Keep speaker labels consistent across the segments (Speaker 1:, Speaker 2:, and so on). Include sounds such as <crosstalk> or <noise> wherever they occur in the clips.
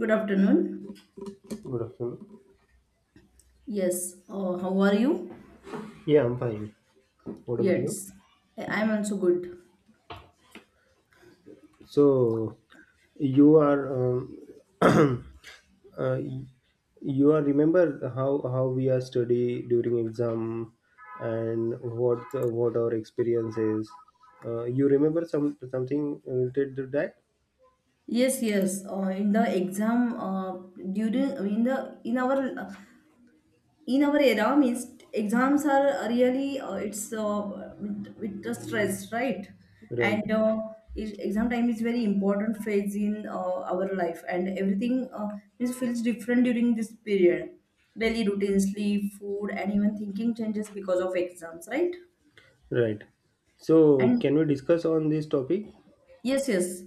Speaker 1: Good afternoon.
Speaker 2: Good afternoon.
Speaker 1: Yes, how are you?
Speaker 2: Yeah, I'm fine. What about you?
Speaker 1: Yes, I'm also good.
Speaker 2: So you are <clears throat> uh, you are remember how we are study during exam and what our experience is. You remember something related to that?
Speaker 1: Yes, yes. In the exam, during in the uh, in our era means exams are really it's with the stress, right?
Speaker 2: Right,
Speaker 1: And exam time is very important phase in our life, and everything is feels different during this period. Daily routine, sleep, food, and even thinking changes because of exams, right?
Speaker 2: right. So
Speaker 1: And
Speaker 2: can we discuss on this topic?
Speaker 1: Yes, yes.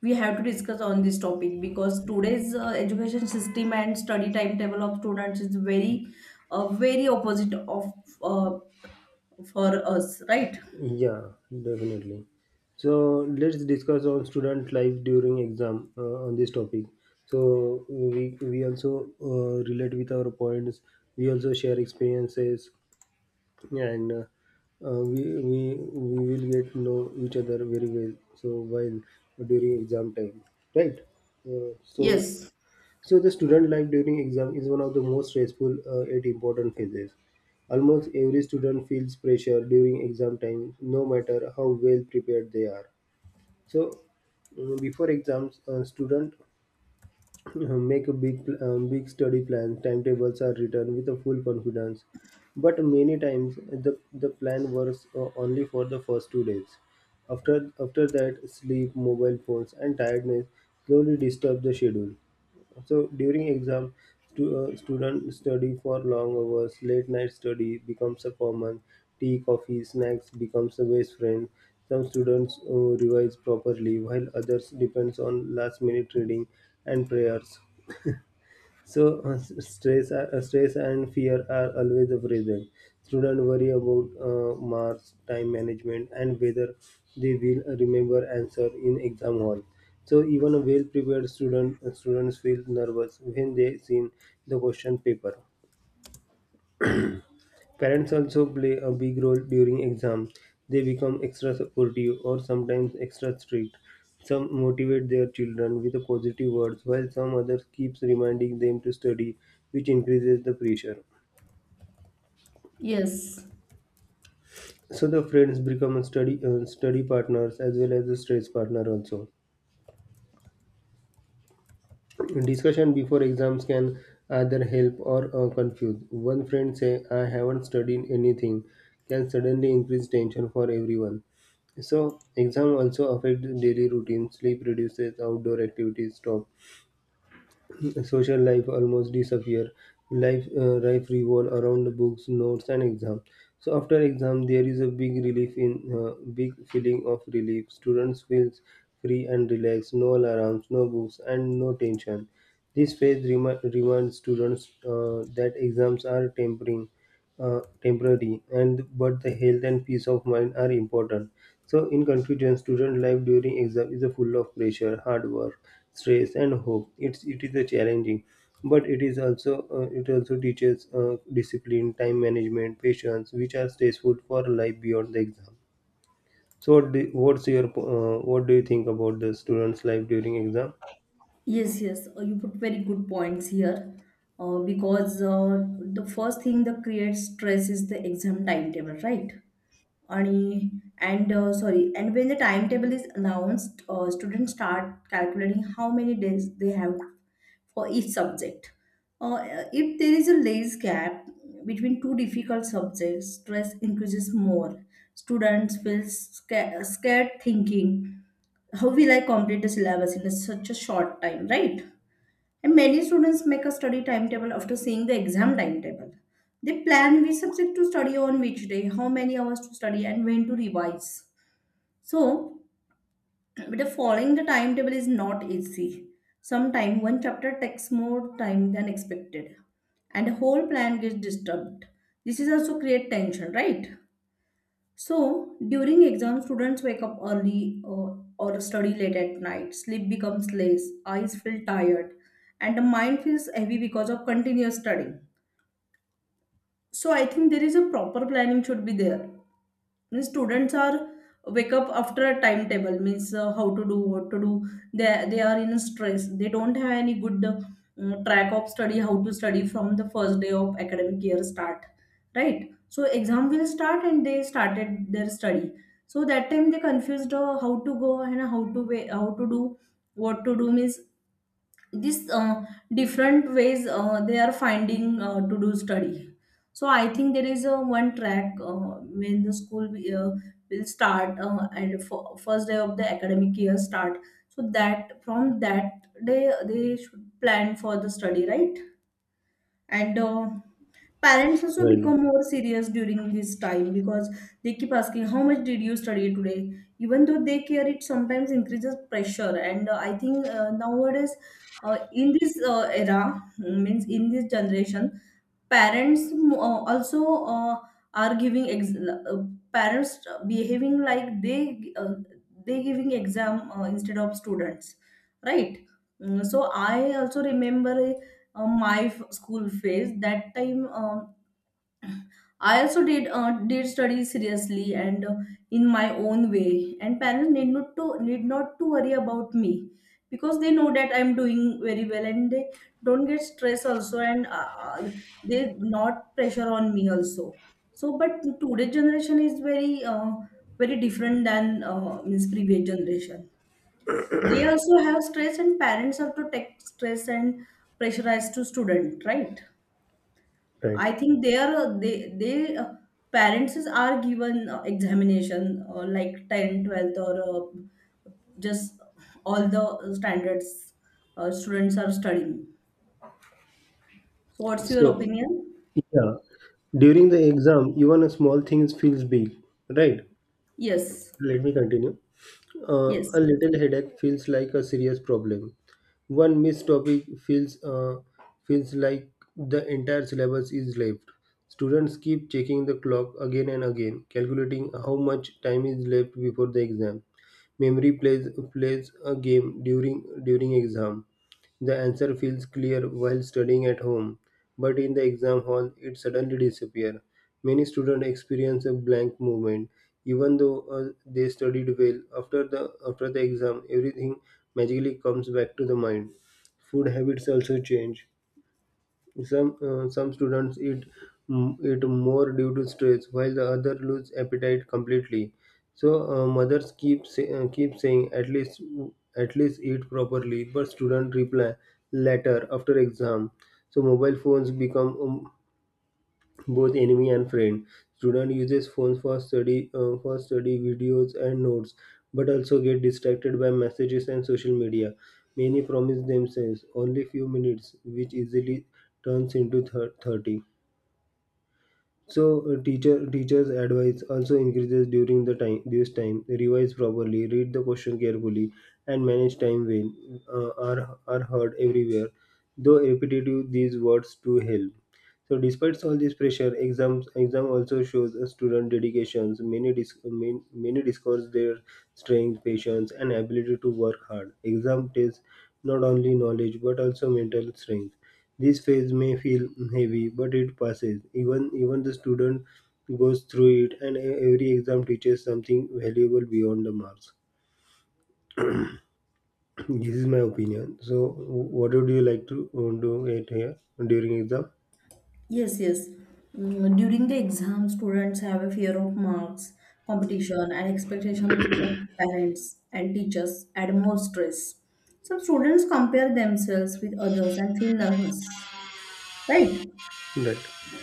Speaker 1: We have to discuss on this topic because today's education system and study timetable of students is very opposite of uh, for us, right?
Speaker 2: Yeah, definitely. So let's discuss on student life during exam on this topic. So we also relate with our points. We also share experiences, and we will get to know each other very well. So while during exam time, right? Uh, so
Speaker 1: Yes,
Speaker 2: so the student life during exam is one of the most stressful yet important phases. Almost every student feels pressure during exam time, no matter how well prepared they are. So before exams, student <clears throat> make a big study plan. Timetables are written with a full confidence, but many times the plan works only for the first 2 days. After that, sleep, mobile phones, and tiredness slowly disturb the schedule. So during exam, student study for long hours. Late night study becomes a common. Tea, coffee, snacks becomes a best friend. Some students revise properly, while others depends on last minute reading and prayers. <laughs> So stress and fear are always present. Students worry about marks, time management, and whether they will remember answer in exam hall. So even a students feel nervous when they see the question paper. Parents also play a big role during exam. They become extra supportive or sometimes extra strict. Some motivate their children with the positive words, while some others keeps reminding them to study, which increases the pressure.
Speaker 1: yes.
Speaker 2: So the friends become a study partners as well as the stress partner also. Discussion before exams can either help or confuse. One friend say, "I haven't studied anything," can suddenly increase tension for everyone. So exam also affects daily routine. Sleep reduces, outdoor activities stop, social life almost disappear life life revolve around books notes and exam. So after exam there is a uh, big feeling of relief. Students feels free and relaxed, no alarms, no books, and no tension. This reminds students that exams are tempering temporary, and but the health and peace of mind are important. So in conclusion, student life during exam is a full of pressure, hard work, stress and hope. It is a challenging, but it is also it also teaches discipline, time management, patience, which are stressful for life beyond the exam. So what's your what do you think about the students life during exam?
Speaker 1: Yes, yes, you put very good points here. Because the first thing that creates stress is the exam timetable, right? आणि and sorry, and when the timetable is announced students start calculating how many days they have for each subject. Uh, if there is a large gap between two difficult subjects, stress increases more. Students feel scared thinking, how will I complete the syllabus in such a short time, right? And many students make a study timetable after seeing the exam timetable. They plan which subject to study on which day, how many hours to study, and when to revise. So, but following the timetable is not easy. Sometimes one chapter takes more time than expected, and the whole plan gets disturbed. This is also create tension, right? So during exam, students wake up early or study late at night. Sleep becomes less, eyes feel tired, and the mind feels heavy because of continuous studying. So I think there is a proper planning should be there. Means students are wake up after a timetable. Means how to do, what to do. They are in stress. They don't have any good track of study, how to study from the first day of academic year start, right? So exam will start and they started their study. So that time they confused, how to go and how to way, how to do what to do. Means this, different ways they are finding to do study. So I think there is a one track, when the school will start, and for first day of the academic year start. So that from that day they should plan for the study, right? And parents also
Speaker 2: Right,
Speaker 1: become more serious during this time because they keep asking, how much did you study today? Even though they care, it sometimes increases pressure. And I think, nowadays, in this era, means in this generation, parents also, are giving, parents behaving like they, they giving exam instead of students, right? So I also remember, my school phase that time, I also did study seriously, and in my own way, and parents need not to worry about me because they know that I'm doing very well and they don't get stress also, and they not pressure on me also. So, but today's generation is very different than means previous generation. They also have stress, and parents have to take stress and pressurize to student, right?
Speaker 2: right.
Speaker 1: I think their they parents are given examination like 10th 12th or, just all the standards, students are studying. So what's
Speaker 2: So
Speaker 1: your opinion?
Speaker 2: yeah, during the exam even a small things feels big, right?
Speaker 1: Yes,
Speaker 2: Let me continue. A
Speaker 1: yes,
Speaker 2: little headache feels like a serious problem. One missed topic feels like the entire syllabus is left. Students keep checking the clock again and again, calculating how much time is left before the exam. Memory plays a game during exam. The answer feels clear while studying at home, but in the exam hall it suddenly disappears. Many students experience a blank moment, even though they studied well. After the exam, everything magically comes back to the mind. Food habits also change. Some students eat more due to stress, while the other lose appetite completely. So mothers keep saying at least eat properly, but students reply later after exam. So mobile phones become both enemy and friend. Student uses phones for study videos and notes, but also get distracted by messages and social media. Many promise themselves only few minutes, which easily turns into 30. So teachers' advice also increases during the time this time. Revise properly, read the question carefully, and manage time well. Are heard everywhere, though repetitive these words to help. So, despite all this pressure, exam also shows a student dedications. Many discuss their strength, patience, and ability to work hard. Exam tests not only knowledge but also mental strength. This phase may feel heavy, but it passes. Even the student goes through it, and every exam teaches something valuable beyond the marks. <clears throat> This is my opinion. So, what would you like to do it here during exam?
Speaker 1: yes, yes. During the exam, students have a fear of marks, competition, and expectation of parents and teachers add more stress. Some students compare themselves with others and feel nervous, right?
Speaker 2: Right,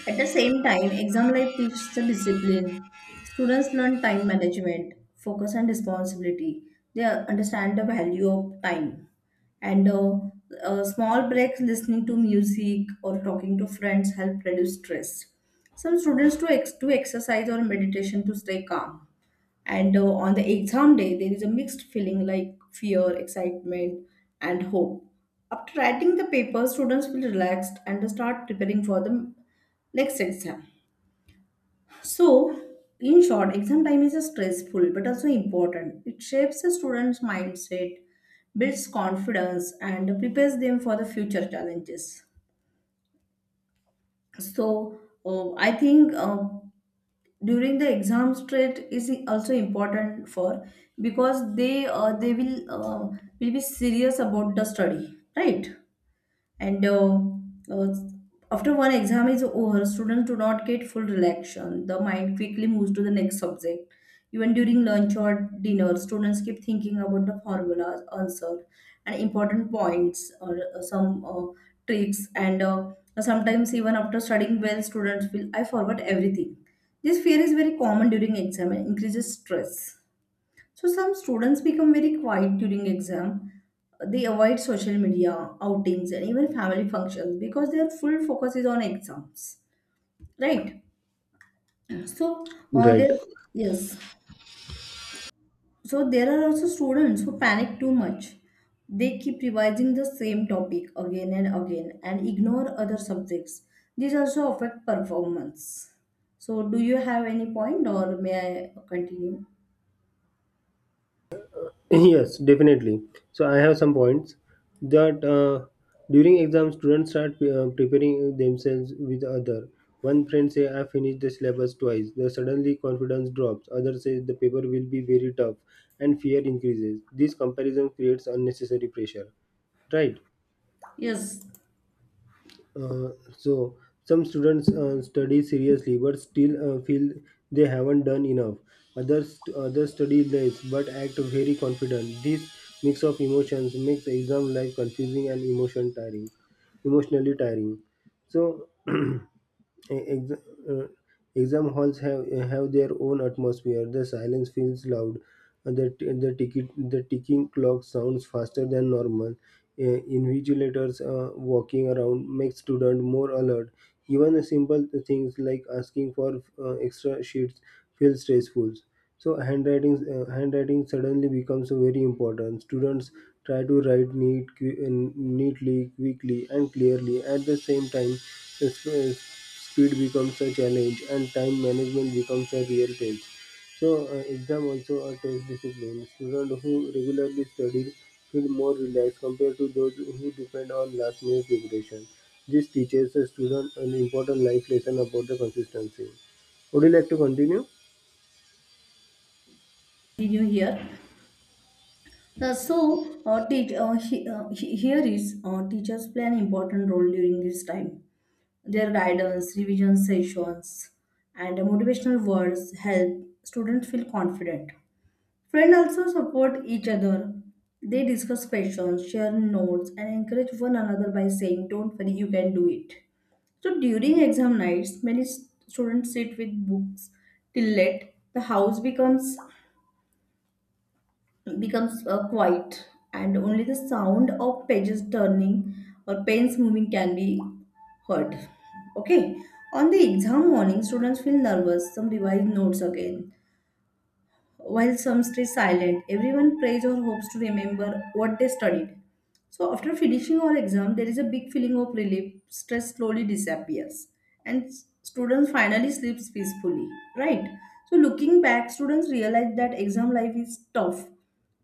Speaker 1: At the same time, exam life teaches the discipline. Students learn time management, focus, and responsibility. They understand the value of time. And small breaks, listening to music or talking to friends, help reduce stress. Some students do exercise or meditation to stay calm. And on the exam day, there is a mixed feeling like fear, excitement, and hope. After writing the paper, students feel relaxed and start preparing for the next exam. So, in short, exam time is a stressful but also important. It shapes a student's mindset, builds confidence, and prepares them for the future challenges. So, I think, during the exam stress is also important for because they will be serious about the study, right? And uh, after one exam is over, students do not get full relaxation. The mind quickly moves to the next subject. Even during lunch or dinner, students keep thinking about the formulas, answer, and important points, or some tricks. And sometimes even after studying well, students feel I forgot everything. This fear is very common during exam and increases stress. So some students become very quiet during exam. They avoid social media, outings, and even family functions because their full focus is on exams, right? So
Speaker 2: right.
Speaker 1: there, yes. So there are also students who panic too much. They keep revising the same topic again and again and ignore other subjects. These also affect performance. So do you have any point, or may I continue?
Speaker 2: Yes, definitely. So I have some points that during exam students start preparing themselves with other. One friend say, "I finished the syllabus twice." The suddenly confidence drops. Other says the paper will be very tough, and fear increases. This comparison creates unnecessary pressure. Right.
Speaker 1: Yes,
Speaker 2: Uh, so some students study seriously but still feel they haven't done enough. Others study less but act very confident. This mix of emotions makes exam life confusing and emotionally tiring. So <clears throat> Ex- uh, exam halls have their own atmosphere. The silence feels loud. The ticket the ticking clock sounds faster than normal. Invigilators walking around make student more alert. Even the simple things like asking for extra sheets feel stressful. So handwriting suddenly becomes very important. Students try to write neatly, quickly, and clearly. At the same time, the speed becomes a challenge, and time management becomes a real test. So exam also a test discipline. Students who regularly study feel more relaxed compared to those who depend on last minute preparation. This teaches a student an important life lesson about the consistency. Would you like to continue?
Speaker 1: continue here. So, here is, teachers play an important role during this time. Their guidance, revision sessions, and motivational words help students feel confident. Friends also support each other. They discuss questions, share notes, and encourage one another by saying, don't worry, you can do it. So during exam nights, many students sit with books till late. The house becomes quiet, and only the sound of pages turning or pens moving can be heard. Okay. On the exam morning, students feel nervous. Some revise notes again while some stay silent. Everyone prays or hopes to remember what they studied. So after finishing our exam, there is a big feeling of relief. Stress slowly disappears, and students finally sleeps peacefully. Right. So looking back, students realize that exam life is tough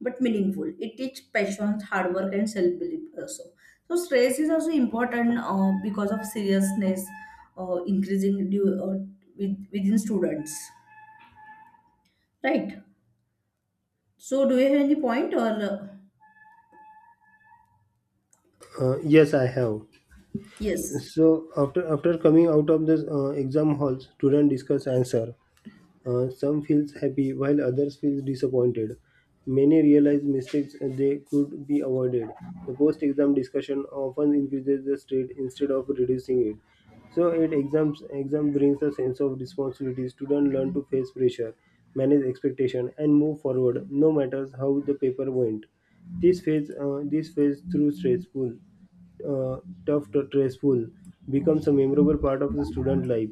Speaker 1: but meaningful. It teaches patience, hard work, and self belief also. So stress is also important, because of seriousness increasing due, within students. Right. So, do you have any point or? uh,
Speaker 2: Yes, I have.
Speaker 1: Yes,
Speaker 2: So after coming out of the exam hall, student discuss answer. Some feels happy while others feel disappointed. Many realize mistakes they could be avoided. The post-exam discussion often increases the stress instead of reducing it. So at exam brings a sense of responsibility. Students learn to face pressure, manage expectation, and move forward, no matter how the paper went. This phase through stressful, uh, tough, to stressful, becomes a memorable part of the student life.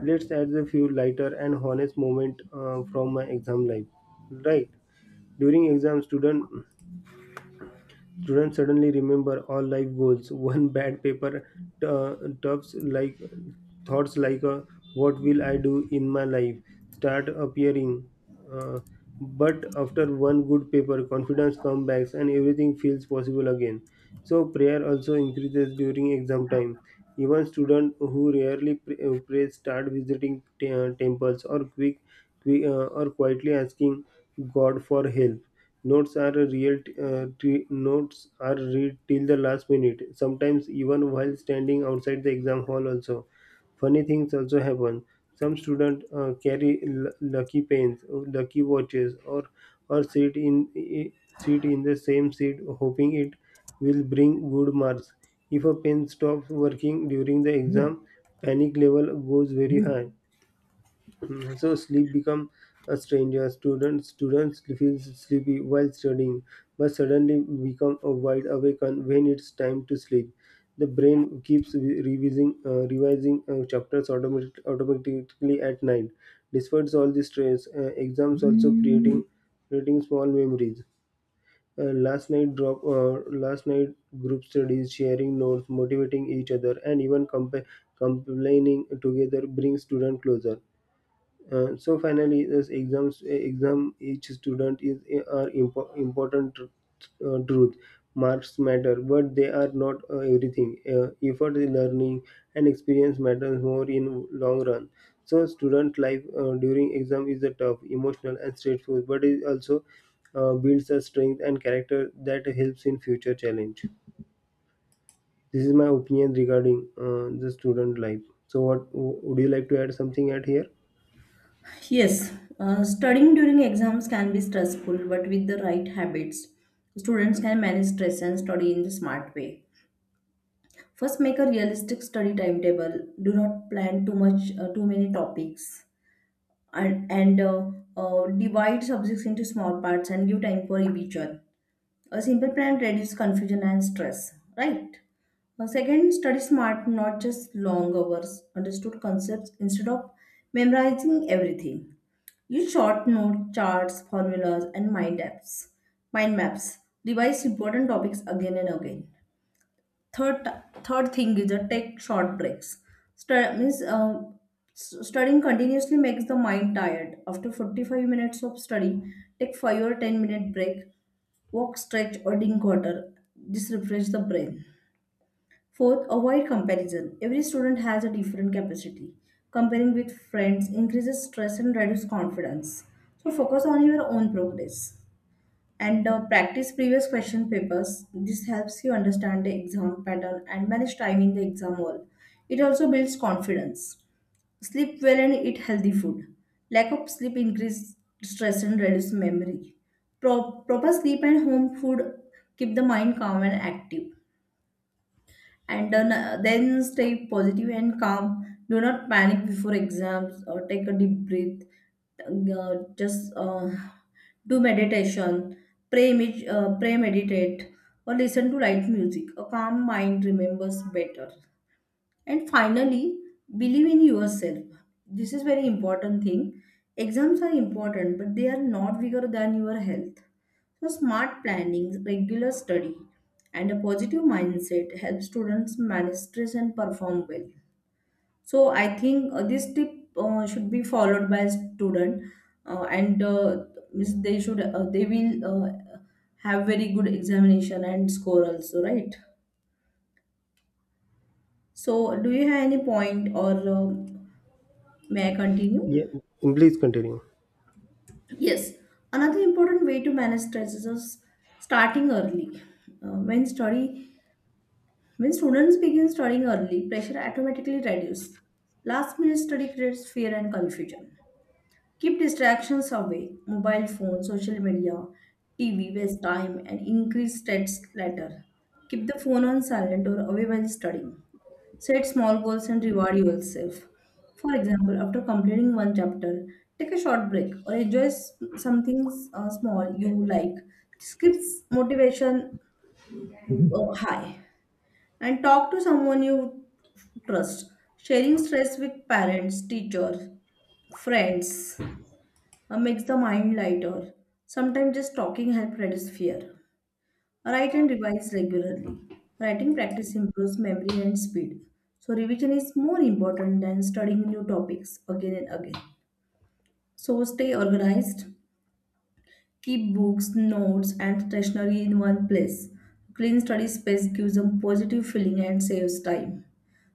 Speaker 2: Let's add a few lighter and honest moment from my exam life. Right. During exam, student Students suddenly remember all life goals. <laughs> One bad paper uh, tufts like thoughts like "What will I do in my life?" start appearing. Uh, but after one good paper, confidence comes back and everything feels possible again. So prayer also increases during exam time. Even students who rarely pray start visiting temples or quietly asking God for help. Notes are a notes are read till the last minute, sometimes even while standing outside the exam hall also. Funny things also happen. Some students carry lucky pens, or lucky watches, or sit in the same seat hoping it will bring good marks. If a pen stops working during the exam, panic level goes very high. Mm, so sleep become a stranger. Students feel sleepy while studying, but suddenly become a wide awake on when it's time to sleep. The brain keeps revising chapters automatically at night. Despite all the stress, exams also creating small memories. Uh, last night drop uh, last night group studies, sharing notes, motivating each other, and even complaining together brings student closer. So finally, exam each student are important truth. Marks matter, but they are not everything. Effort, learning, and experience matters more in long run. So student life during exam is a tough, emotional, and stressful, but it also builds a strength and character that helps in future challenge. This is my opinion regarding the student life. So, what would you like to add something at here?
Speaker 1: yes. Studying during exams can be stressful, but with the right habits, students can manage stress and study in the smart way. First, make a realistic study timetable. Do not plan too much, too many topics, and divide subjects into small parts and give time for each other. A simple plan reduces confusion and stress, right? Second, study smart, not just long hours, understood concepts instead of memorizing everything. Use short note charts, formulas, and mind maps. Revise important topics again and again. Third third thing is a take short breaks. Stu- means uh, Studying continuously makes the mind tired. After 45 minutes of study, take 5 or 10-minute break. Walk, stretch, or drink water. This refresh the brain. Fourth, avoid comparison. Every student has a different capacity. Comparing with friends increases stress and reduces confidence. So focus on your own progress. And practice previous question papers. This helps you understand the exam pattern and manage time in the exam hall. It also builds confidence. Sleep well and eat healthy food. Lack of sleep increases stress and reduces memory. Proper sleep and home food keep the mind calm and active. And then stay positive and calm. Do not panic before exams or take a deep breath. Just, do meditation, pray, meditate, or listen to light music. A calm mind remembers better. And finally, believe in yourself. This is very important thing. Exams are important, but they are not bigger than your health. So smart planning, regular study, and a positive mindset help students manage stress and perform well. So I think, this tip, should be followed by a student, and means they will have very good examination and score also, right? So do you have any point or? May I continue?
Speaker 2: Yeah, please continue.
Speaker 1: Yes. Another important way to manage stress is starting early. Uh, when study, when students begin studying early, pressure automatically reduces. Last minute study creates fear and confusion. Keep distractions away, mobile phone, social media, TV, waste time and increase stress later. Keep the phone on silent or away while studying. Set small goals and reward yourself. For example, after completing one chapter, take a short break or enjoy something small you like. This keeps motivation, high. And talk to someone you trust. Sharing stress with parents, teachers, friends, makes the mind lighter. Sometimes just talking helps reduce fear. Write and revise regularly. Writing practice improves memory and speed. So revision is more important than studying new topics again and again. So stay organized. Keep books, notes, and stationery in one place. Clean study space gives a positive feeling and saves time.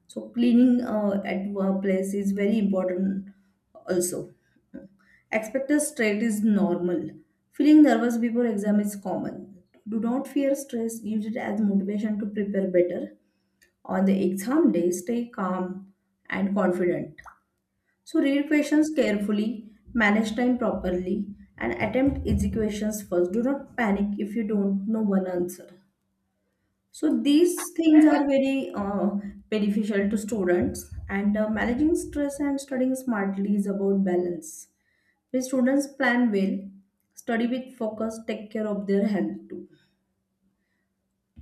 Speaker 1: So cleaning at one place is very important also. Expected stress is normal. Feeling nervous before exam is common. Do not fear stress, use it as motivation to prepare better. On the exam day, stay calm and confident. So read questions carefully, manage time properly, and attempt easy questions first. Do not panic if you don't know one answer. So these things are very beneficial to students, and managing stress and studying smartly is about balance. When students plan well, study with focus, take care of their health too.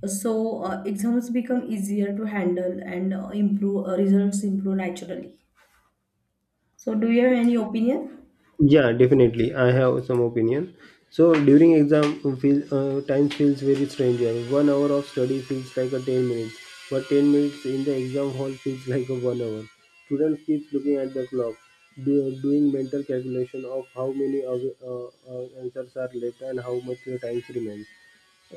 Speaker 1: So exams become easier to handle and improve results improve naturally. So do you have any opinion?
Speaker 2: Yeah, definitely. I have some opinion. So during exam, time feels very strange here. 1 hour of study feels like a 10 minutes, but 10 minutes in the exam hall feels like a 1 hour. Students keeps looking at the clock, doing mental calculation of how many answers are left and how much the time remains.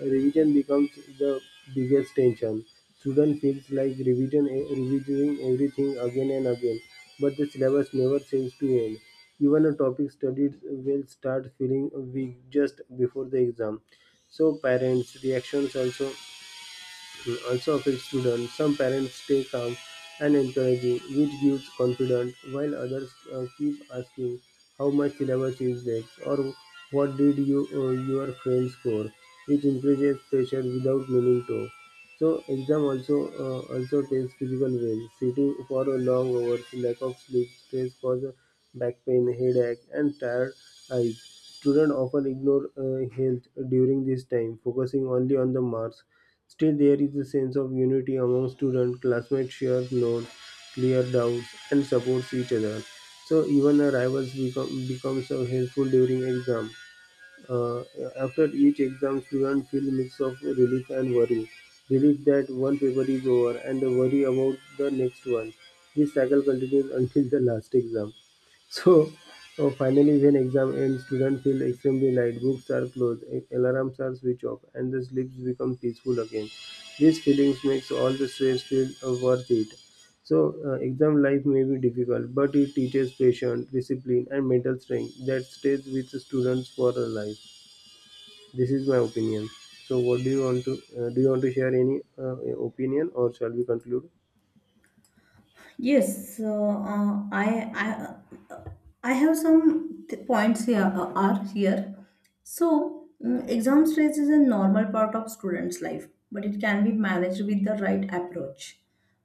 Speaker 2: Revision becomes the biggest tension. Student feels like revising everything again and again, but the syllabus never seems to end. Even a topic studied will start feeling weak just before the exam. So parents' reactions also affect students. Some parents stay calm and encouraging, which gives confidence, while others keep asking how much syllabus is next or what did you your friends, score, which increases pressure without meaning to. So exam also tests physical well. Sitting for a long hours, lack of sleep, stress cause back pain, headache, and tired eyes. Students often ignore health during this time, focusing only on the marks. Still, there is a sense of unity among students. Classmates share notes, clear doubts, and supports each other. So even a rivals becomes helpful during exam. Uh, after each exam, students feel mix of relief and worry. Relief that one paper is over, and the worry about the next one. This cycle continues <laughs> until the last exam. So finally, when exam ends, students feel extremely light. Books are closed, alarms are switched off, and the sleeps become peaceful again. These feelings makes all the stress feel worth it. So exam life may be difficult, but it teaches patience, discipline, and mental strength that stays with the students for a life. This is my opinion. So, what do you want to do? You want to share any opinion, or shall we conclude?
Speaker 1: Yes, so I have some points here are here. So exam stress is a normal part of students' life, but it can be managed with the right approach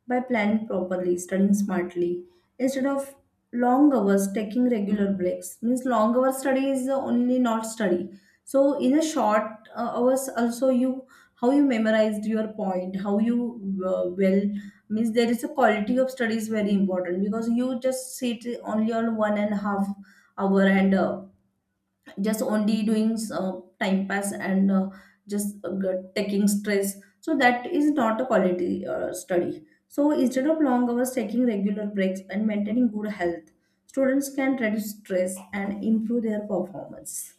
Speaker 1: by planning properly, studying smartly instead of long hours, taking regular breaks. Means long hour study is the only not study. So in a short hours also you how you memorized your point, how you well means there is a quality of study is very important because you just sit only on 1.5 hours and just only doing time pass and just taking stress so that is not a quality study so instead of long hours taking regular breaks and maintaining good health students can reduce stress and improve their performance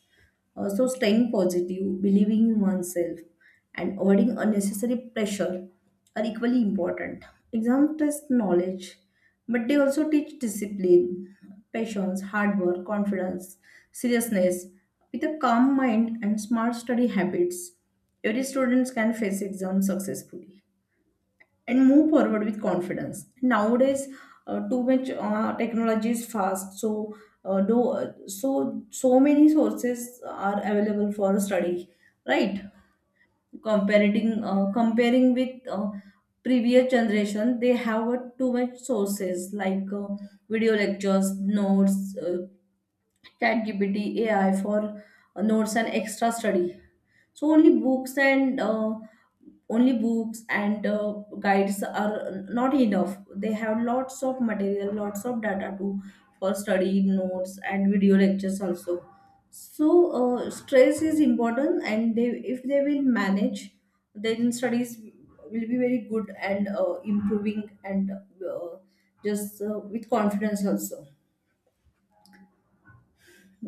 Speaker 1: also, staying positive, believing in oneself, and avoiding unnecessary pressure are equally important. Exams test knowledge, but they also teach discipline, patience, hard work, confidence, seriousness. With a calm mind and smart study habits, every student can face exams successfully and move forward with confidence. Nowadays, too much technology is fast, so do so so many sources are available for study, right? Comparing with previous generation, they have too much sources like video lectures, notes, ChatGPT, AI for notes and extra study. So only books and guides are not enough, they have lots of material, lots of data to for study notes and video lectures also. So stress is important and they if they will manage, then studies will be very good and improving and just with confidence also.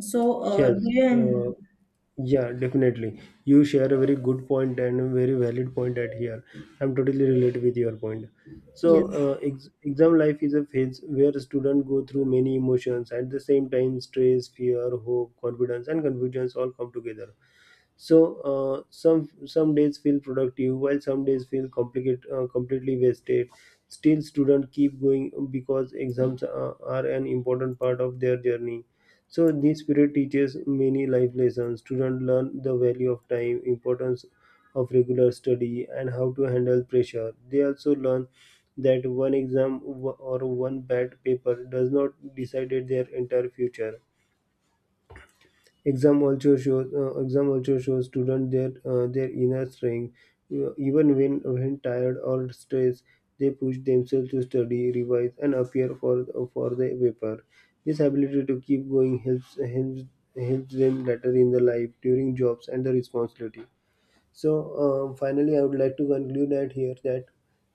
Speaker 1: So
Speaker 2: Yes.
Speaker 1: do you
Speaker 2: Yeah, definitely. You share a very good point and a very valid point at here. I'm totally related with your point. So,
Speaker 1: yes
Speaker 2: exam life is a phase where students go through many emotions at the same time: stress, fear, hope, confidence, and confusions all come together. So some days feel productive while some days feel complicated completely wasted. Still students keep going because exams are an important part of their journey. So this period teaches many life lessons. Students learn the value of time, importance of regular study, and how to handle pressure. They also learn that one exam or one bad paper does not decide their entire future. Exam also shows students their inner strength. Even when tired or stressed, they push themselves to study, revise, and appear for the paper. This ability to keep going helps them later in the life during jobs and the responsibility. So finally, I would like to conclude that here that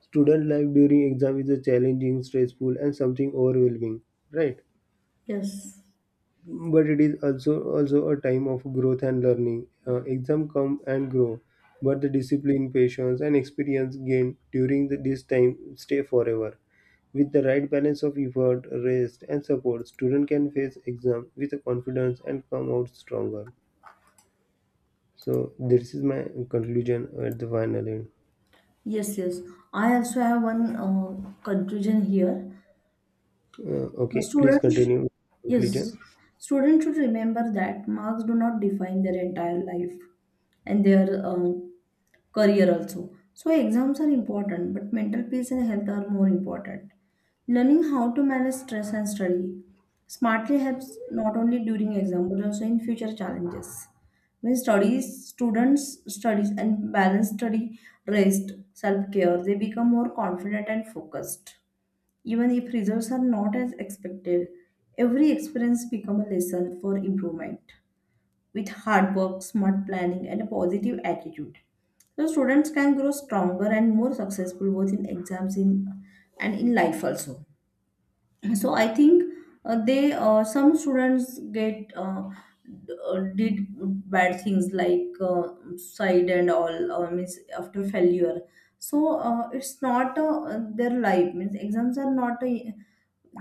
Speaker 2: student life during exam is a challenging, stressful, and something overwhelming. Right,
Speaker 1: yes
Speaker 2: but it is also a time of growth and learning. Exam come and go, but the discipline, patience, and experience gained during this time stay forever. With the right balance of effort, rest, and support, student can face exam with a confidence and come out stronger. So this is my conclusion at the final end.
Speaker 1: yes yes I also have one conclusion here.
Speaker 2: Okay, please
Speaker 1: Students,
Speaker 2: continue conclusion.
Speaker 1: yes, students should remember that marks do not define their entire life and their career also. So exams are important, but mental peace and health are more important. Learning how to manage stress and study smartly helps not only during exam but also in future challenges. When students studies and balance study, rest, self care, they become more confident and focused. Even if results are not as expected, every experience becomes a lesson for improvement with hard work, smart planning, and a positive attitude. So students can grow stronger and more successful both in exams in, and in life also. So I think they some students did bad things like side and all means after failure. So it's not their life, means exams are not a,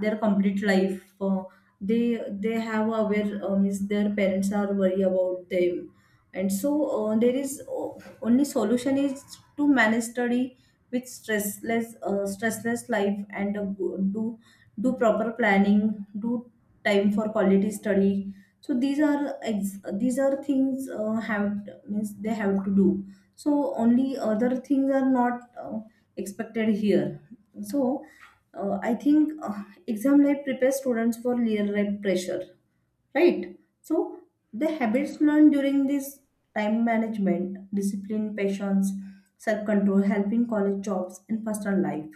Speaker 1: their complete life they have aware means their parents are worry about them and so there is only solution is to manage study with stressless life and do do proper planning, do time for quality study. So these are these are things have means they have to do. So only other things are not expected here. So I think exam life prepares students for real life pressure, right? So the habits learned during this time management, discipline, patience, self-control help in college jobs and personal life.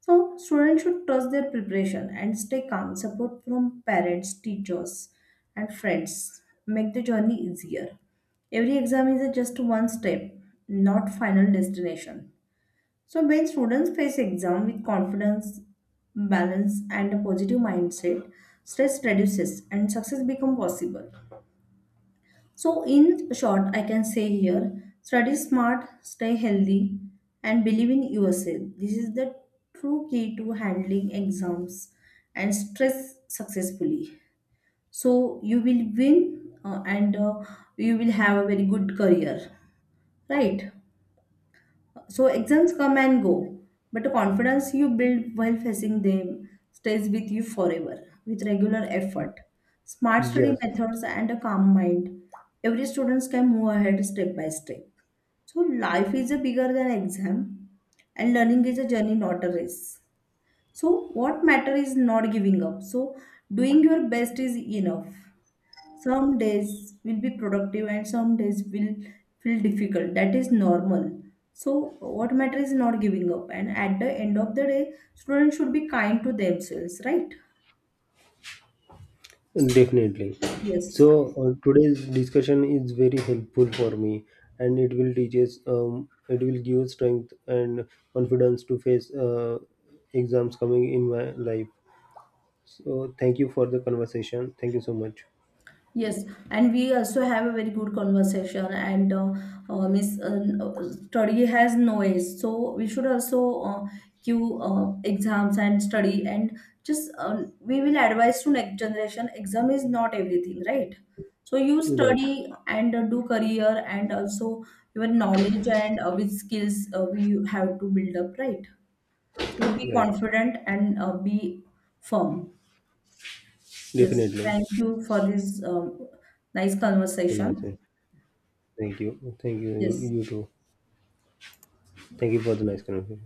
Speaker 1: So students should trust their preparation and stay calm. Support from parents, teachers, and friends make the journey easier. Every exam is a just one step, not final destination. So when students face exam with confidence, balance and a positive mindset, stress reduces and success become possible. So in short, I can say here, study smart, stay healthy and believe in yourself. This is the true key to handling exams and stress successfully. So you will win and you will have a very good career, right? So exams come and go, but the confidence you build while facing them stays with you forever with regular effort, smart study
Speaker 2: Yes.
Speaker 1: methods, and a calm mind. Every student can move ahead step by step. So life is a bigger than exam, and learning is a journey, not a race. So what matter is not giving up. So doing your best is enough. Some days will be productive and some days will feel difficult. That is normal. So what matters is not giving up. And at the end of the day, students should be kind to themselves, right?
Speaker 2: Definitely.
Speaker 1: Yes.
Speaker 2: So today's discussion is very helpful for me, and it will teach us. It will give us strength and confidence to face exams coming in my life. So thank you for the conversation. Thank you so much.
Speaker 1: Yes, and we also have a very good conversation, and Miss study has no age, so we should also give exams and study, and just we will advise to next generation. Exam is not everything, right? So you
Speaker 2: Right,
Speaker 1: study and do career, and also your knowledge and with skills we have to build up, right? So be
Speaker 2: right.
Speaker 1: confident and be firm. Yes,
Speaker 2: Definitely.
Speaker 1: thank you for this nice conversation.
Speaker 2: Conversation. Thank you. Thank you.
Speaker 1: Yes,
Speaker 2: You too. Thank you for the nice conversation.